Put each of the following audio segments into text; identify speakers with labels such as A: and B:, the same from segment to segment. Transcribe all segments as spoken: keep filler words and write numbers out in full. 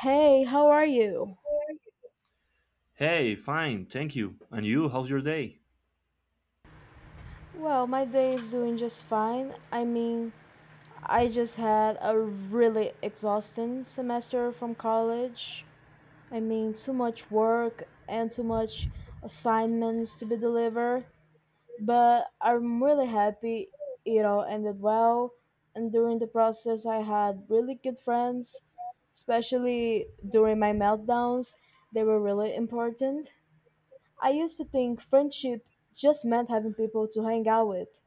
A: Hey, how are you?
B: Hey, fine, thank you. And you, how's your day?
A: Well, my day is doing just fine. I mean, I just had a really exhausting semester from college. I mean, too much work and too much assignments to be delivered. But I'm really happy it all ended well. And during the process, I had really good friends, especially during my meltdowns. They were really important. I used to think friendship just meant having people to hang out with,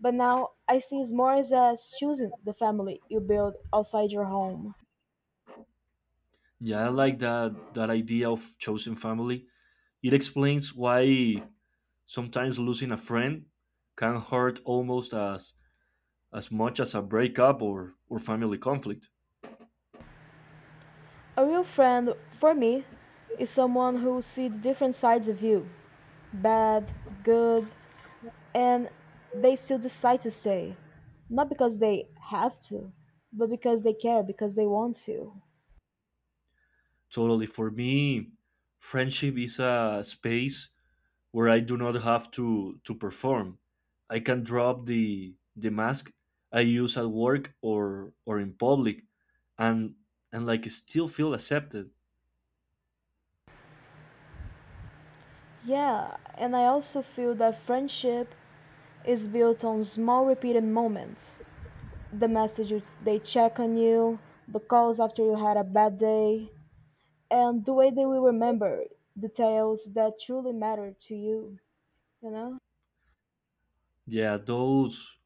A: but now I see it more as as choosing the family you build outside your home.
B: Yeah, I like that that idea of chosen family. It explains why sometimes losing a friend can hurt almost as as much as a breakup or or family conflict.
A: A real friend, for me, is someone who sees different sides of you bad, good, and they still decide to stay. Not because they have to, but because they care, because they want to.
B: Totally, for me, friendship is a space where I do not have to to perform. I can drop the the mask I use at work or or in public, and and like still feel accepted.
A: Yeah, and I also feel that friendship is built on small repeated moments the messages they check on you, the calls after you had a bad day, and the way they will remember details that truly matter to you, you know?
B: Yeah, those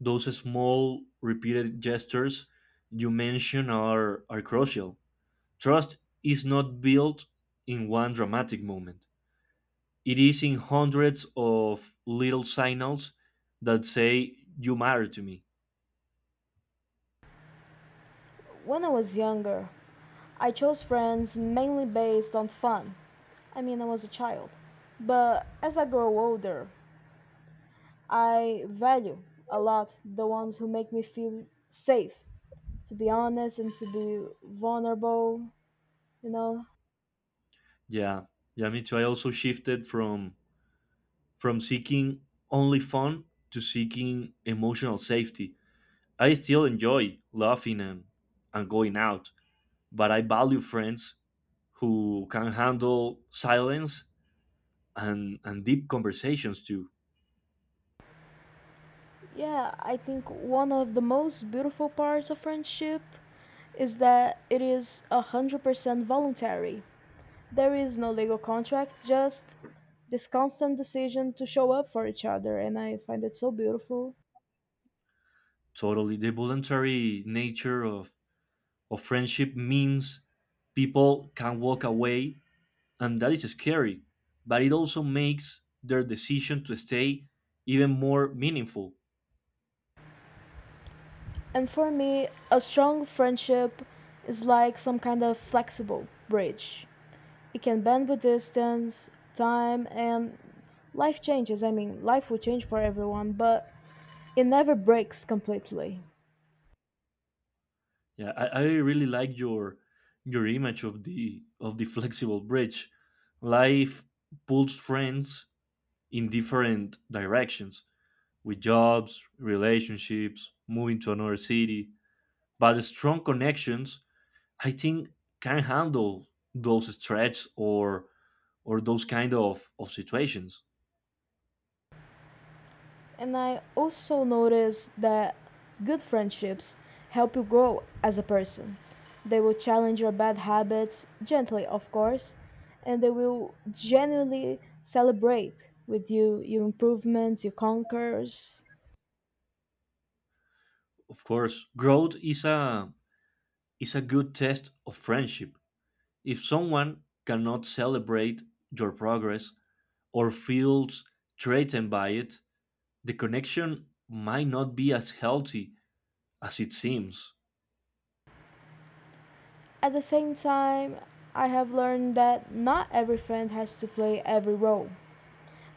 B: those small repeated gestures you mention are are crucial. Trust is not built in one dramatic moment. It is in hundreds of little signals that say you matter to me.
A: When I was younger, I chose friends mainly based on fun. I mean, I was a child. But as I grow older, I value a lot the ones who make me feel safe, to be honest and to be vulnerable, you know?
B: Yeah. Yeah, me too. I also shifted from from seeking only fun to seeking emotional safety. I still enjoy laughing and, and going out, but I value friends who can handle silence and, and deep conversations too.
A: Yeah, I think one of the most beautiful parts of friendship is that it is one hundred percent voluntary. There is no legal contract, just this constant decision to show up for each other, and I find it so beautiful.
B: Totally. The voluntary nature of, of friendship means people can walk away, and that is scary, but it also makes their decision to stay even more meaningful.
A: And for me, a strong friendship is like some kind of flexible bridge. It can bend with distance, time, and life changes. I mean, life will change for everyone, but it never breaks completely.
B: Yeah, I, I really like your your image of the of the flexible bridge. Life pulls friends in different directions with jobs, relationships, moving to another city. But the strong connections, I think, can handle those stretches or or those kind of, of situations.
A: And I also noticed that good friendships help you grow as a person. They will challenge your bad habits, gently, of course, and they will genuinely celebrate with you your improvements, your conquers.
B: Of course, growth is a is a good test of friendship. If someone cannot celebrate your progress or feels threatened by it, the connection might not be as healthy as it seems.
A: At the same time, I have learned that not every friend has to play every role.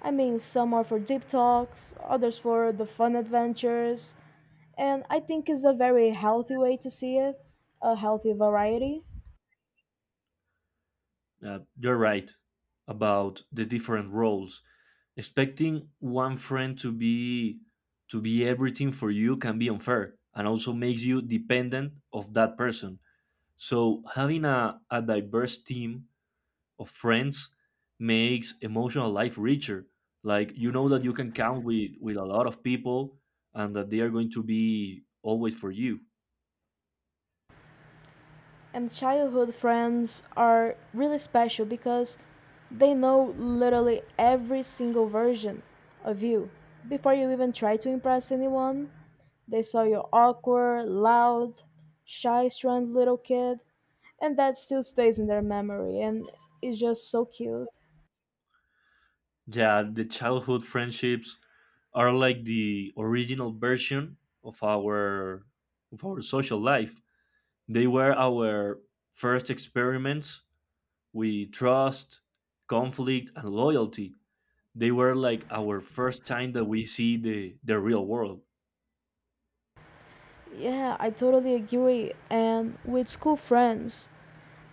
A: I mean, some are for deep talks, others for the fun adventures, and I think it's a very healthy way to see it, a healthy variety.
B: Uh, you're right about the different roles. Expecting one friend to be to be everything for you can be unfair and also makes you dependent of that person, so having a, a diverse team of friends makes emotional life richer, like you know that you can count with with a lot of people and that they are going to be always for you.
A: And childhood friends are really special because they know literally every single version of you. Before you even try to impress anyone, they saw your awkward, loud, shy, strand little kid, and that still stays in their memory and is just so cute.
B: Yeah, the childhood friendships are like the original version of our of our social life. They were our first experiments with trust, conflict, and loyalty. They were like our first time that we see the, the real world.
A: Yeah, I totally agree. And with school friends,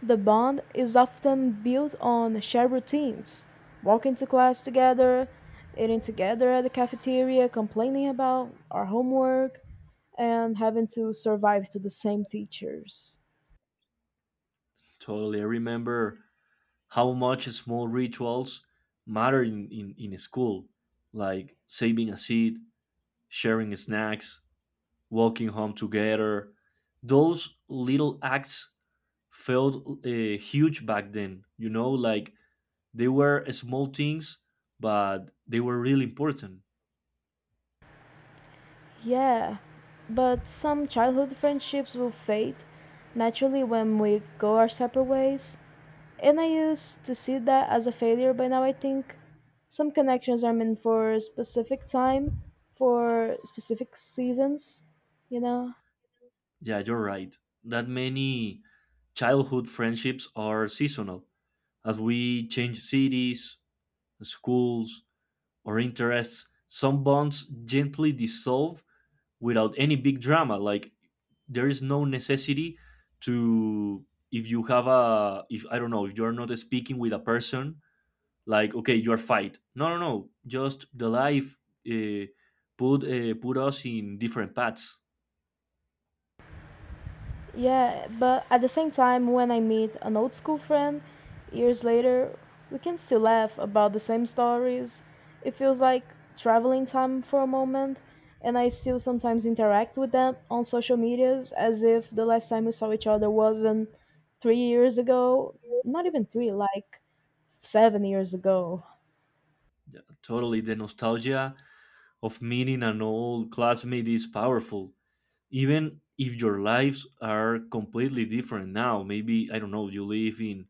A: The bond is often built on shared routines walking to class together, eating together at the cafeteria, complaining about our homework, and having to survive to the same teachers.
B: Totally. I remember how much small rituals matter in, in, in school, like saving a seat, sharing snacks, walking home together. Those little acts felt uh, huge back then, you know, like they were small things, but they were really important.
A: Yeah, but some childhood friendships will fade naturally when we go our separate ways. And I used to see that as a failure, but now I think some connections are meant for specific time, for specific seasons, you know?
B: Yeah, you're right, that many childhood friendships are seasonal. As we change cities, schools, or interests, some bonds gently dissolve without any big drama. Like there is no necessity to, if you have a, if I don't know, if you're not speaking with a person, like okay, you are fight, no, no, no, just the life uh, put uh, put us in different paths.
A: Yeah, but at the same time, when I meet an old school friend years later, we can still laugh about the same stories. It feels like traveling time for a moment, and I still sometimes interact with them on social medias as if the last time we saw each other wasn't three years ago. Not even three, like seven years ago.
B: Totally, the nostalgia of meeting an old classmate is powerful even if your lives are completely different now. Maybe, I don't know, you live in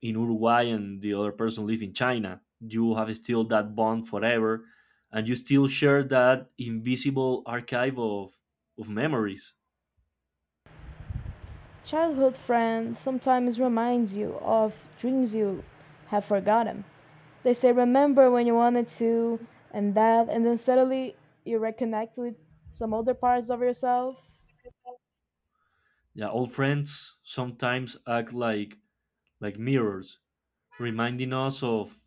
B: in Uruguay and the other person live in China. You have still that bond forever, and you still share that invisible archive of of memories.
A: Childhood friends sometimes reminds you of dreams you have forgotten. They say remember when you wanted to and that and then suddenly you reconnect with some other parts of yourself.
B: Yeah, old friends sometimes act like like mirrors, reminding us of,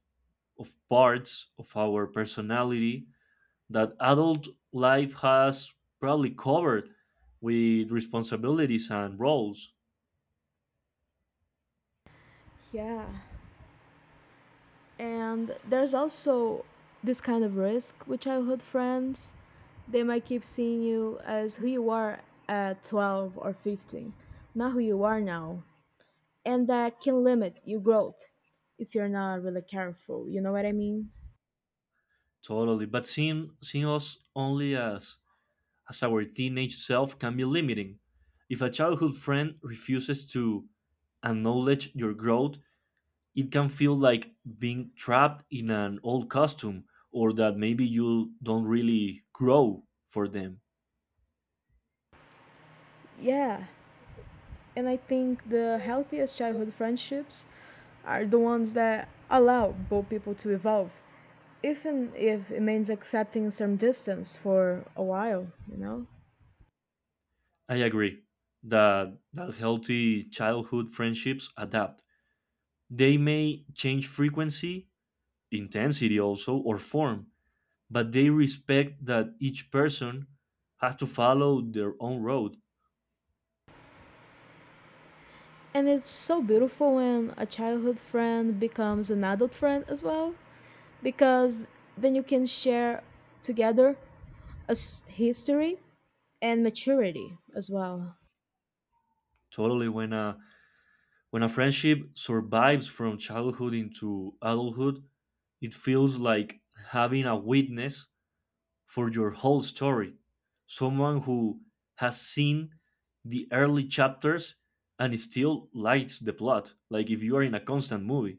B: of parts of our personality that adult life has probably covered with responsibilities and roles.
A: Yeah. And there's also this kind of risk with childhood friends. They might keep seeing you as who you are at twelve or fifteen, not who you are now. and that can limit your growth if you're not really careful. You know what I mean?
B: Totally. But seeing, seeing us only as, as our teenage self can be limiting. If a childhood friend refuses to acknowledge your growth, it can feel like being trapped in an old costume, or that maybe you don't really grow for them.
A: Yeah, and I think the healthiest childhood friendships are the ones that allow both people to evolve, even if it means accepting some distance for a while, you know?
B: I agree that, that healthy childhood friendships adapt. They may change frequency, intensity also, or form, but they respect that each person has to follow their own road.
A: And it's so beautiful when a childhood friend becomes an adult friend as well, because then you can share together a s- history and maturity as well.
B: Totally, when a, when a friendship survives from childhood into adulthood, it feels like having a witness for your whole story. Someone who has seen the early chapters and still likes the plot. Like if you are in a constant movie.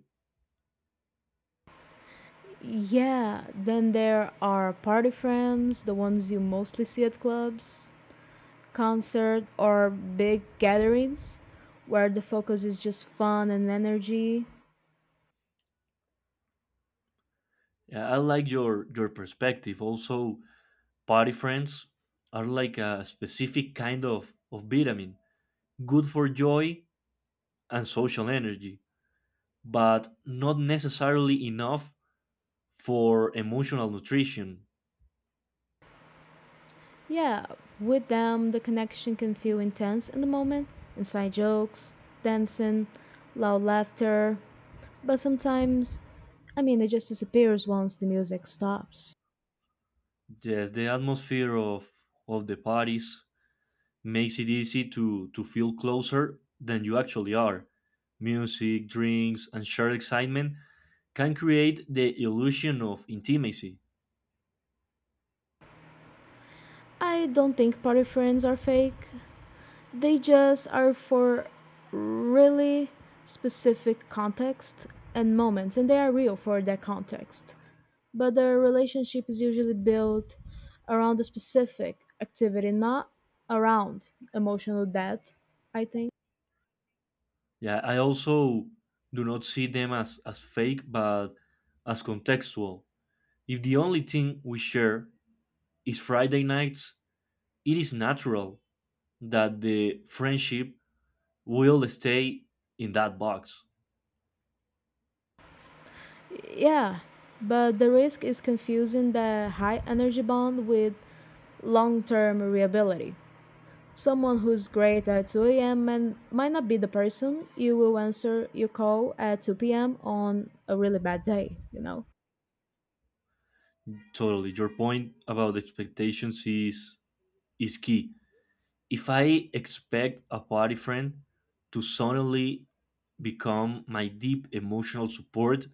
A: Yeah, then there are party friends, the ones you mostly see at clubs, concert, or big gatherings where the focus is just fun and energy.
B: Yeah, I like your your perspective. Also, party friends are like a specific kind of, of vitamin, good for joy and social energy, but not necessarily enough for emotional nutrition.
A: Yeah, with them, the connection can feel intense in the moment inside jokes, dancing, loud laughter, but sometimes, I mean, it just disappears once the music stops.
B: Yes, the atmosphere of of the parties makes it easy to, to feel closer than you actually are. Music, drinks, and shared excitement can create the illusion of intimacy.
A: I don't think party friends are fake. They just are for really specific context and moments, and they are real for that context. But the relationship is usually built around a specific activity, not around emotional depth, I think.
B: Yeah, I also do not see them as, as fake but as contextual. If the only thing we share is Friday nights, it is natural that the friendship will stay in that box.
A: Yeah, but the risk is confusing the high energy bond with long term reliability. Someone who's great at two a m and might not be the person you will answer your call at two p m on a really bad day, you know.
B: Totally. Your point about expectations is is key. If I expect a party friend to suddenly become my deep emotional support,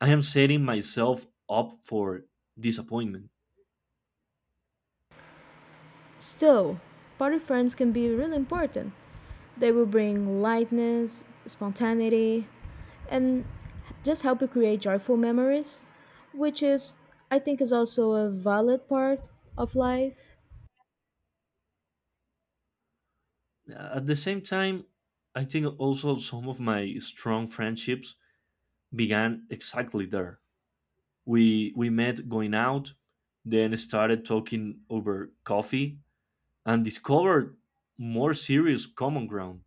B: I am setting myself up for disappointment.
A: Still, party friends can be really important. They will bring lightness, spontaneity, and just help you create joyful memories, which is, I think, is also a valid part of life.
B: At the same time, I think also some of my strong friendships began exactly there. We we met going out, then started talking over coffee, and discovered more serious common ground.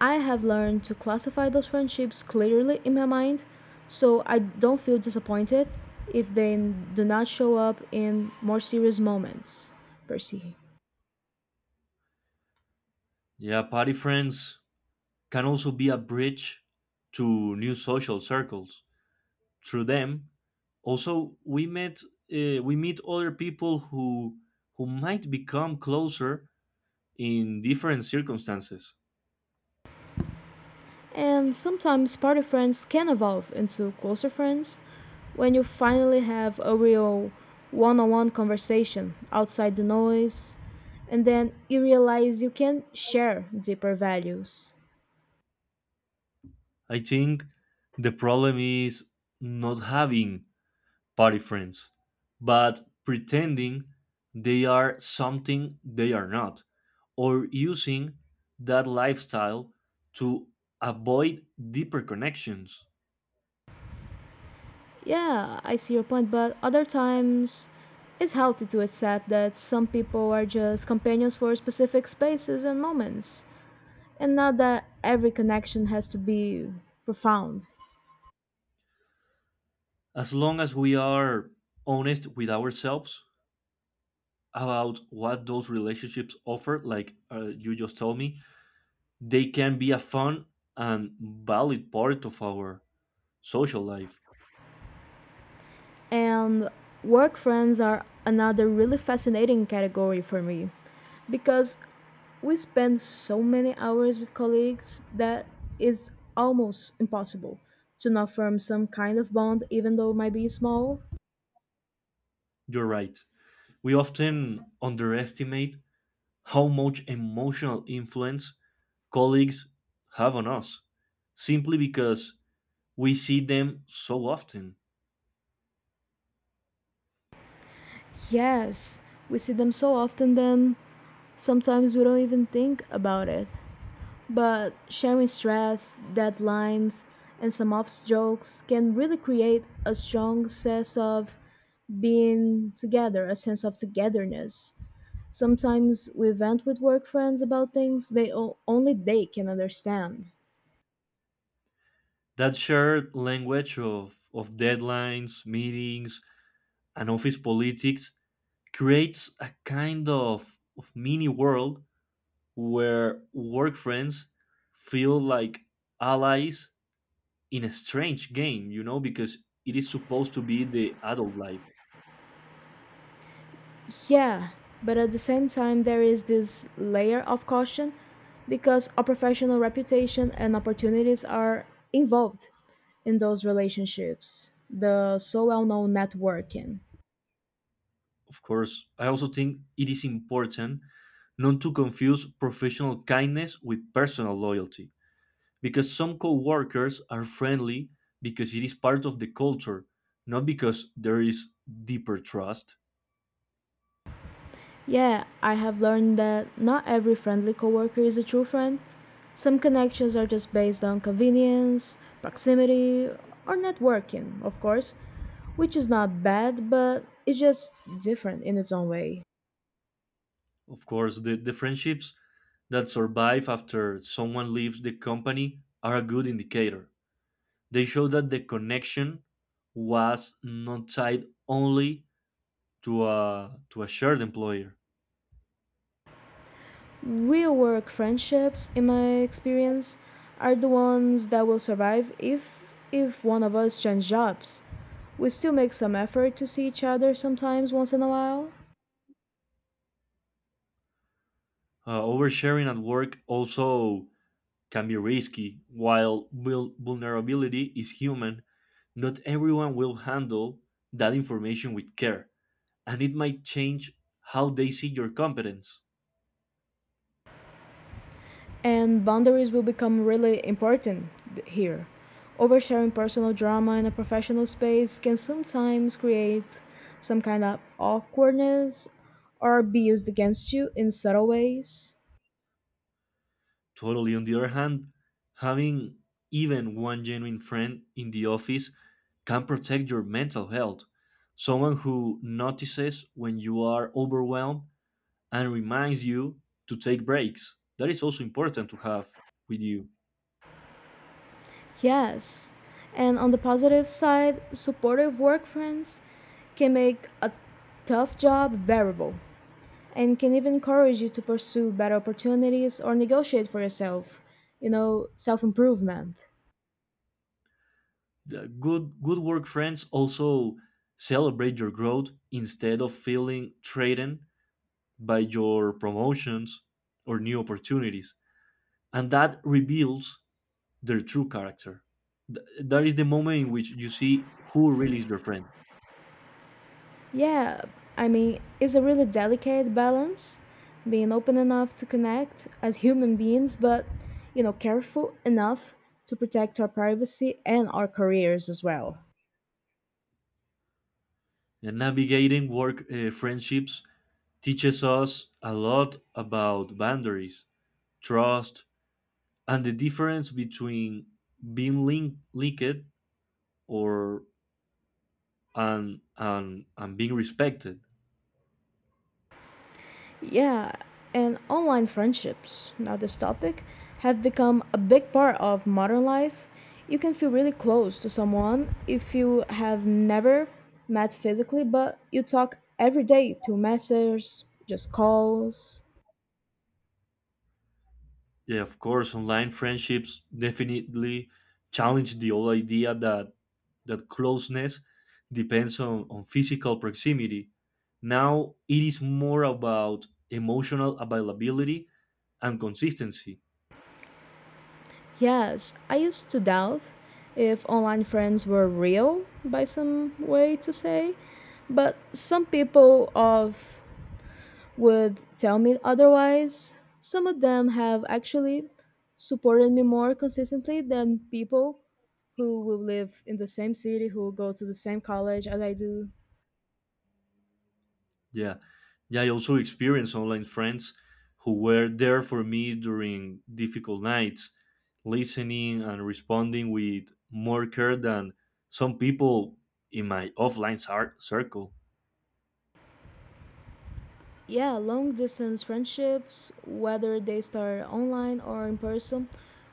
A: I have learned to classify those friendships clearly in my mind so I don't feel disappointed if they do not show up in more serious moments, Percy.
B: Yeah, party friends can also be a bridge to new social circles. Through them, also we met uh, we meet other people who who might become closer in different circumstances.
A: And sometimes party friends can evolve into closer friends when you finally have a real one on one conversation outside the noise, and then you realize you can share deeper values.
B: I think the problem is not having party friends, but pretending they are something they are not, or using that lifestyle to avoid deeper connections.
A: Yeah, I see your point, but other times it's healthy to accept that some people are just companions for specific spaces and moments, and not that every connection has to be profound.
B: As long as we are honest with ourselves about what those relationships offer, like uh, you just told me, they can be a fun and valid part of our social life.
A: And work friends are another really fascinating category for me because we spend so many hours with colleagues that it's almost impossible to not form some kind of bond, even though it might be small.
B: You're right. We often underestimate how much emotional influence colleagues have on us simply because we see them so often.
A: Yes, we see them so often then Sometimes we don't even think about it, but sharing stress, deadlines, and some off jokes can really create a strong sense of being together, a sense of togetherness. Sometimes we vent with work friends about things they o- only they can understand.
B: That shared language of, of deadlines, meetings, and office politics creates a kind of, of mini world where work friends feel like allies in a strange game, you know, because it is supposed to be the adult life.
A: Yeah, but at the same time, there is this layer of caution because our professional reputation and opportunities are involved in those relationships, the so well known networking.
B: Of course, I also think it is important not to confuse professional kindness with personal loyalty, because some coworkers are friendly because it is part of the culture, not because there is deeper trust.
A: Yeah, I have learned that not every friendly coworker is a true friend. Some connections are just based on convenience, proximity, or networking, of course, which is not bad, but it's just different in its own way.
B: Of course, the, the friendships that survive after someone leaves the company are a good indicator. They show that the connection was not tied only to a to a shared employer.
A: Real work friendships, in my experience, are the ones that will survive if if one of us change jobs. We still make some effort to see each other sometimes once in a while,
B: Uh, oversharing at work also can be risky. While vul- vulnerability is human, not everyone will handle that information with care, and it might change how they see your competence.
A: and boundaries will become really important th- here. Oversharing personal drama in a professional space can sometimes create some kind of awkwardness or be used against you in subtle ways.
B: Totally. On the other hand, having even one genuine friend in the office can protect your mental health. Someone who notices when you are overwhelmed and reminds you to take breaks. That is also important to have with you.
A: Yes. And on the positive side, supportive work friends can make a tough job bearable and can even encourage you to pursue better opportunities or negotiate for yourself, you know, self improvement.
B: The good good work friends also celebrate your growth instead of feeling threatened by your promotions or new opportunities, and that reveals their true character. Th- that is the moment in which you see who really is your friend.
A: Yeah, I mean, it's a really delicate balance being open enough to connect as human beings, but, you know, careful enough to protect our privacy and our careers as well.
B: And navigating work uh, friendships teaches us a lot about boundaries, trust, and the difference between being link- linked or and and and being respected.
A: Yeah, and online friendships, now this topic, have become a big part of modern life. You can feel really close to someone if you have never met physically, but you talk every day through messages, just calls.
B: Yeah, of course, online friendships definitely challenge the old idea that that closeness depends on, on physical proximity. Now it is more about emotional availability and consistency.
A: Yes, I used to doubt if online friends were real, by some way to say, but some people of would tell me otherwise. Some of them have actually supported me more consistently than people who will live in the same city, who go to the same college as I do.
B: Yeah. Yeah, I also experienced online friends who were there for me during difficult nights, listening and responding with more care than some people in my offline cir- circle.
A: Yeah, long distance friendships, whether they start online or in person,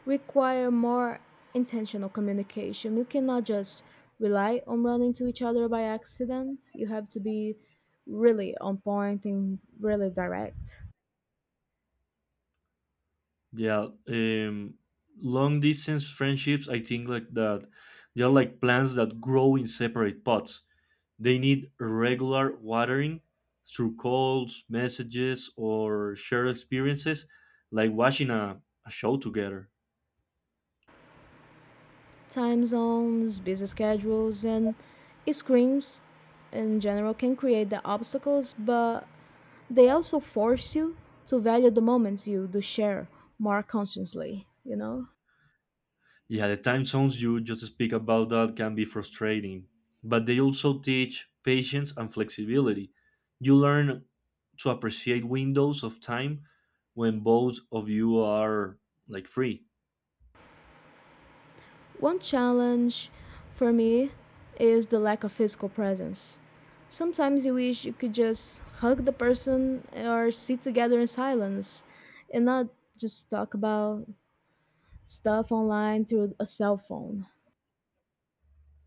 A: require more intentional communication. You cannot just rely on running to each other by accident. You have to be really on point and really direct.
B: Yeah, um, long distance friendships, I think like that they are like plants that grow in separate pots. They need regular watering through calls, messages, or shared experiences, like watching a, a show together.
A: time zones, busy schedules, and screens in general can create the obstacles, but they also force you to value the moments you do share more consciously, you know?
B: Yeah, the time zones you just speak about that can be frustrating, but they also teach patience and flexibility. You learn to appreciate windows of time when both of you are like free.
A: One challenge for me is the lack of physical presence. Sometimes you wish you could just hug the person or sit together in silence and not just talk about stuff online through a cell phone.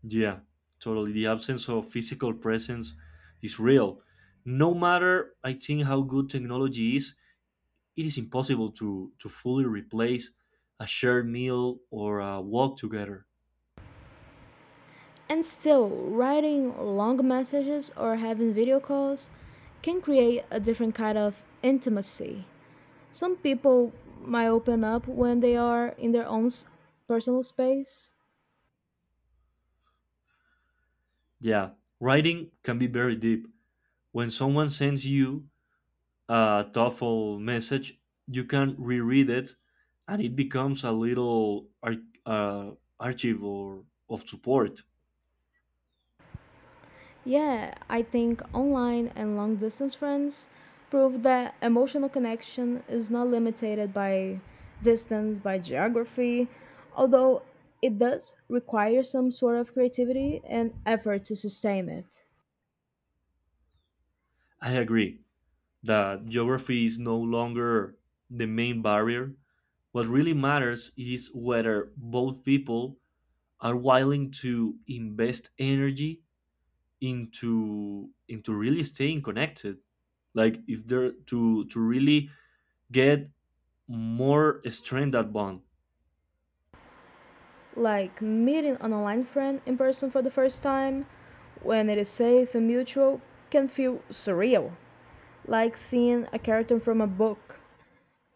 B: Yeah, totally. The absence of physical presence is real. No matter, I think, how good technology is, it is impossible to, to fully replace a shared meal or a walk together.
A: And still, writing long messages or having video calls can create a different kind of intimacy. Some people might open up when they are in their own s- personal space.
B: Yeah, writing can be very deep. When someone sends you a TOEFL message, you can reread it and it becomes a little ar- uh, archive, or of support.
A: Yeah, I think online and long distance friends prove that emotional connection is not limited by distance, by geography, although it does require some sort of creativity and effort to sustain it.
B: I agree that geography is no longer the main barrier. What really matters is whether both people are willing to invest energy into into really staying connected. Like if they're to to really get more strength that bond.
A: like meeting an online friend in person for the first time, when it is safe and mutual, can feel surreal, like seeing a character from a book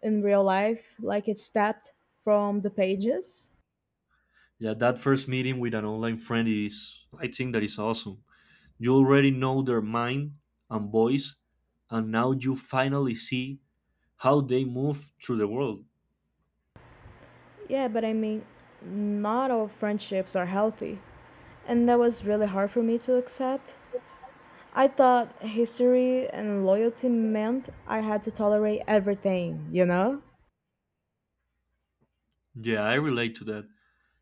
A: in real life, like it's tapped from the pages.
B: Yeah, that first meeting with an online friend is, I think that is awesome. You already know their mind and voice, and now you finally see how they move through the world.
A: Yeah, but I mean, not all friendships are healthy, and that was really hard for me to accept. I thought history and loyalty meant I had to tolerate everything, you know?
B: Yeah, I relate to that.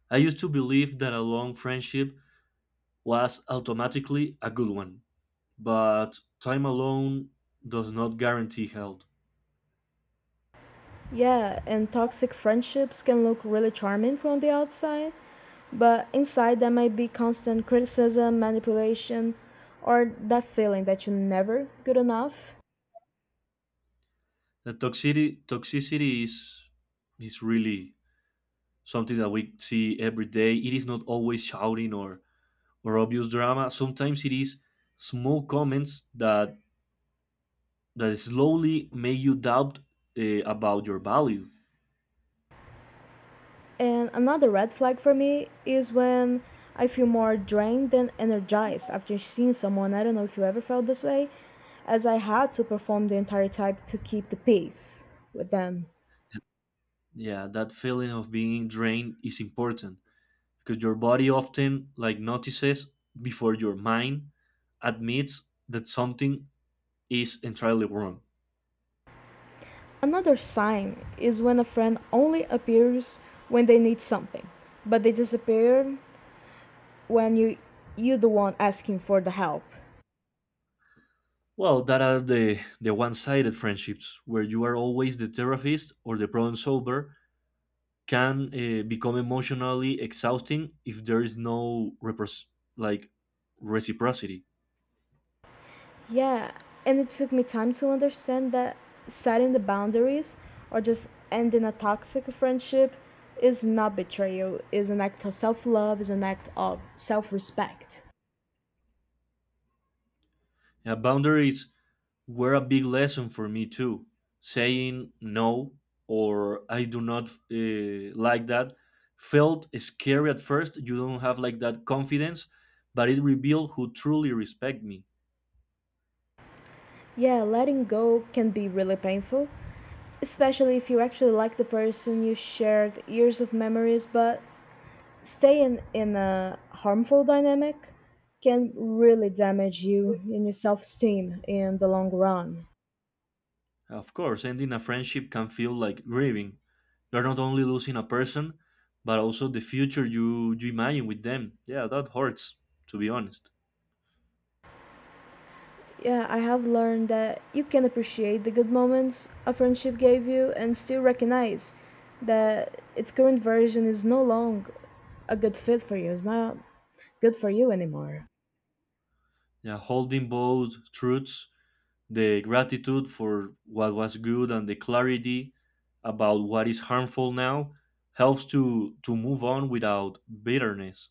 B: I used to believe that a long friendship was automatically a good one, but time alone does not guarantee health.
A: Yeah, and toxic friendships can look really charming from the outside, But inside there might be constant criticism, manipulation, or that feeling that you're never good enough.
B: The toxicity, toxicity is, is really something that we see every day. It is not always shouting or or obvious drama. Sometimes it is small comments that that slowly make you doubt uh, about your value.
A: And another red flag for me is when I feel more drained than energized after seeing someone. I don't know if you ever felt this way, as I had to perform the entire type to keep the pace with them.
B: Yeah, that feeling of being drained is important because your body often like notices before your mind admits that something is entirely wrong.
A: Another sign is when a friend only appears when they need something, but they disappear when you you're the one asking for the help.
B: Well, that are the, the one sided friendships where you are always the therapist or the problem solver can uh, become emotionally exhausting if there is no repros- like reciprocity.
A: Yeah, and it took me time to understand that setting the boundaries or just ending a toxic friendship is not betrayal, is an act of self-love, is an act of self-respect.
B: Uh, boundaries were a big lesson for me too. Saying no or I do not uh, like that felt scary at first. You don't have like that confidence, but it revealed who truly respect me.
A: Yeah, letting go can be really painful, especially if you actually like the person you shared years of memories, but staying in a harmful dynamic can really damage you and your self-esteem in the long run.
B: Of course, ending a friendship can feel like grieving. You're not only losing a person, but also the future you, you imagine with them. Yeah, that hurts, to be honest.
A: Yeah, I have learned that you can appreciate the good moments a friendship gave you and still recognize that its current version is no longer a good fit for you. It's not good for you anymore.
B: Yeah, holding both truths, the gratitude for what was good and the clarity about what is harmful now helps to, to move on without bitterness.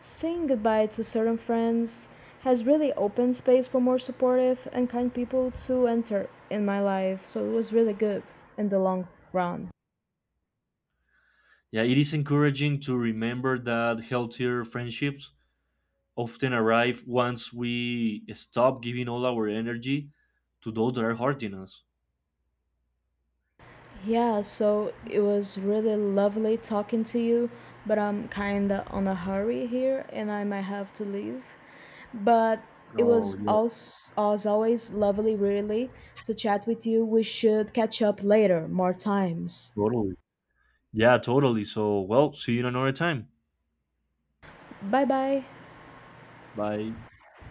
A: Saying goodbye to certain friends has really opened space for more supportive and kind people to enter in my life, so it was really good in the long run.
B: Yeah, it is encouraging to remember that healthier friendships often arrive once we stop giving all our energy to those that are hurting us.
A: Yeah, so it was really lovely talking to you, but I'm kinda on a hurry here and I might have to leave. But it
B: Oh,
A: was
B: yeah,
A: also, as always lovely, really, to chat with you. We should catch up later, more times.
B: totally. Yeah, totally. So, well, see you in another time.
A: Bye bye.
B: Bye.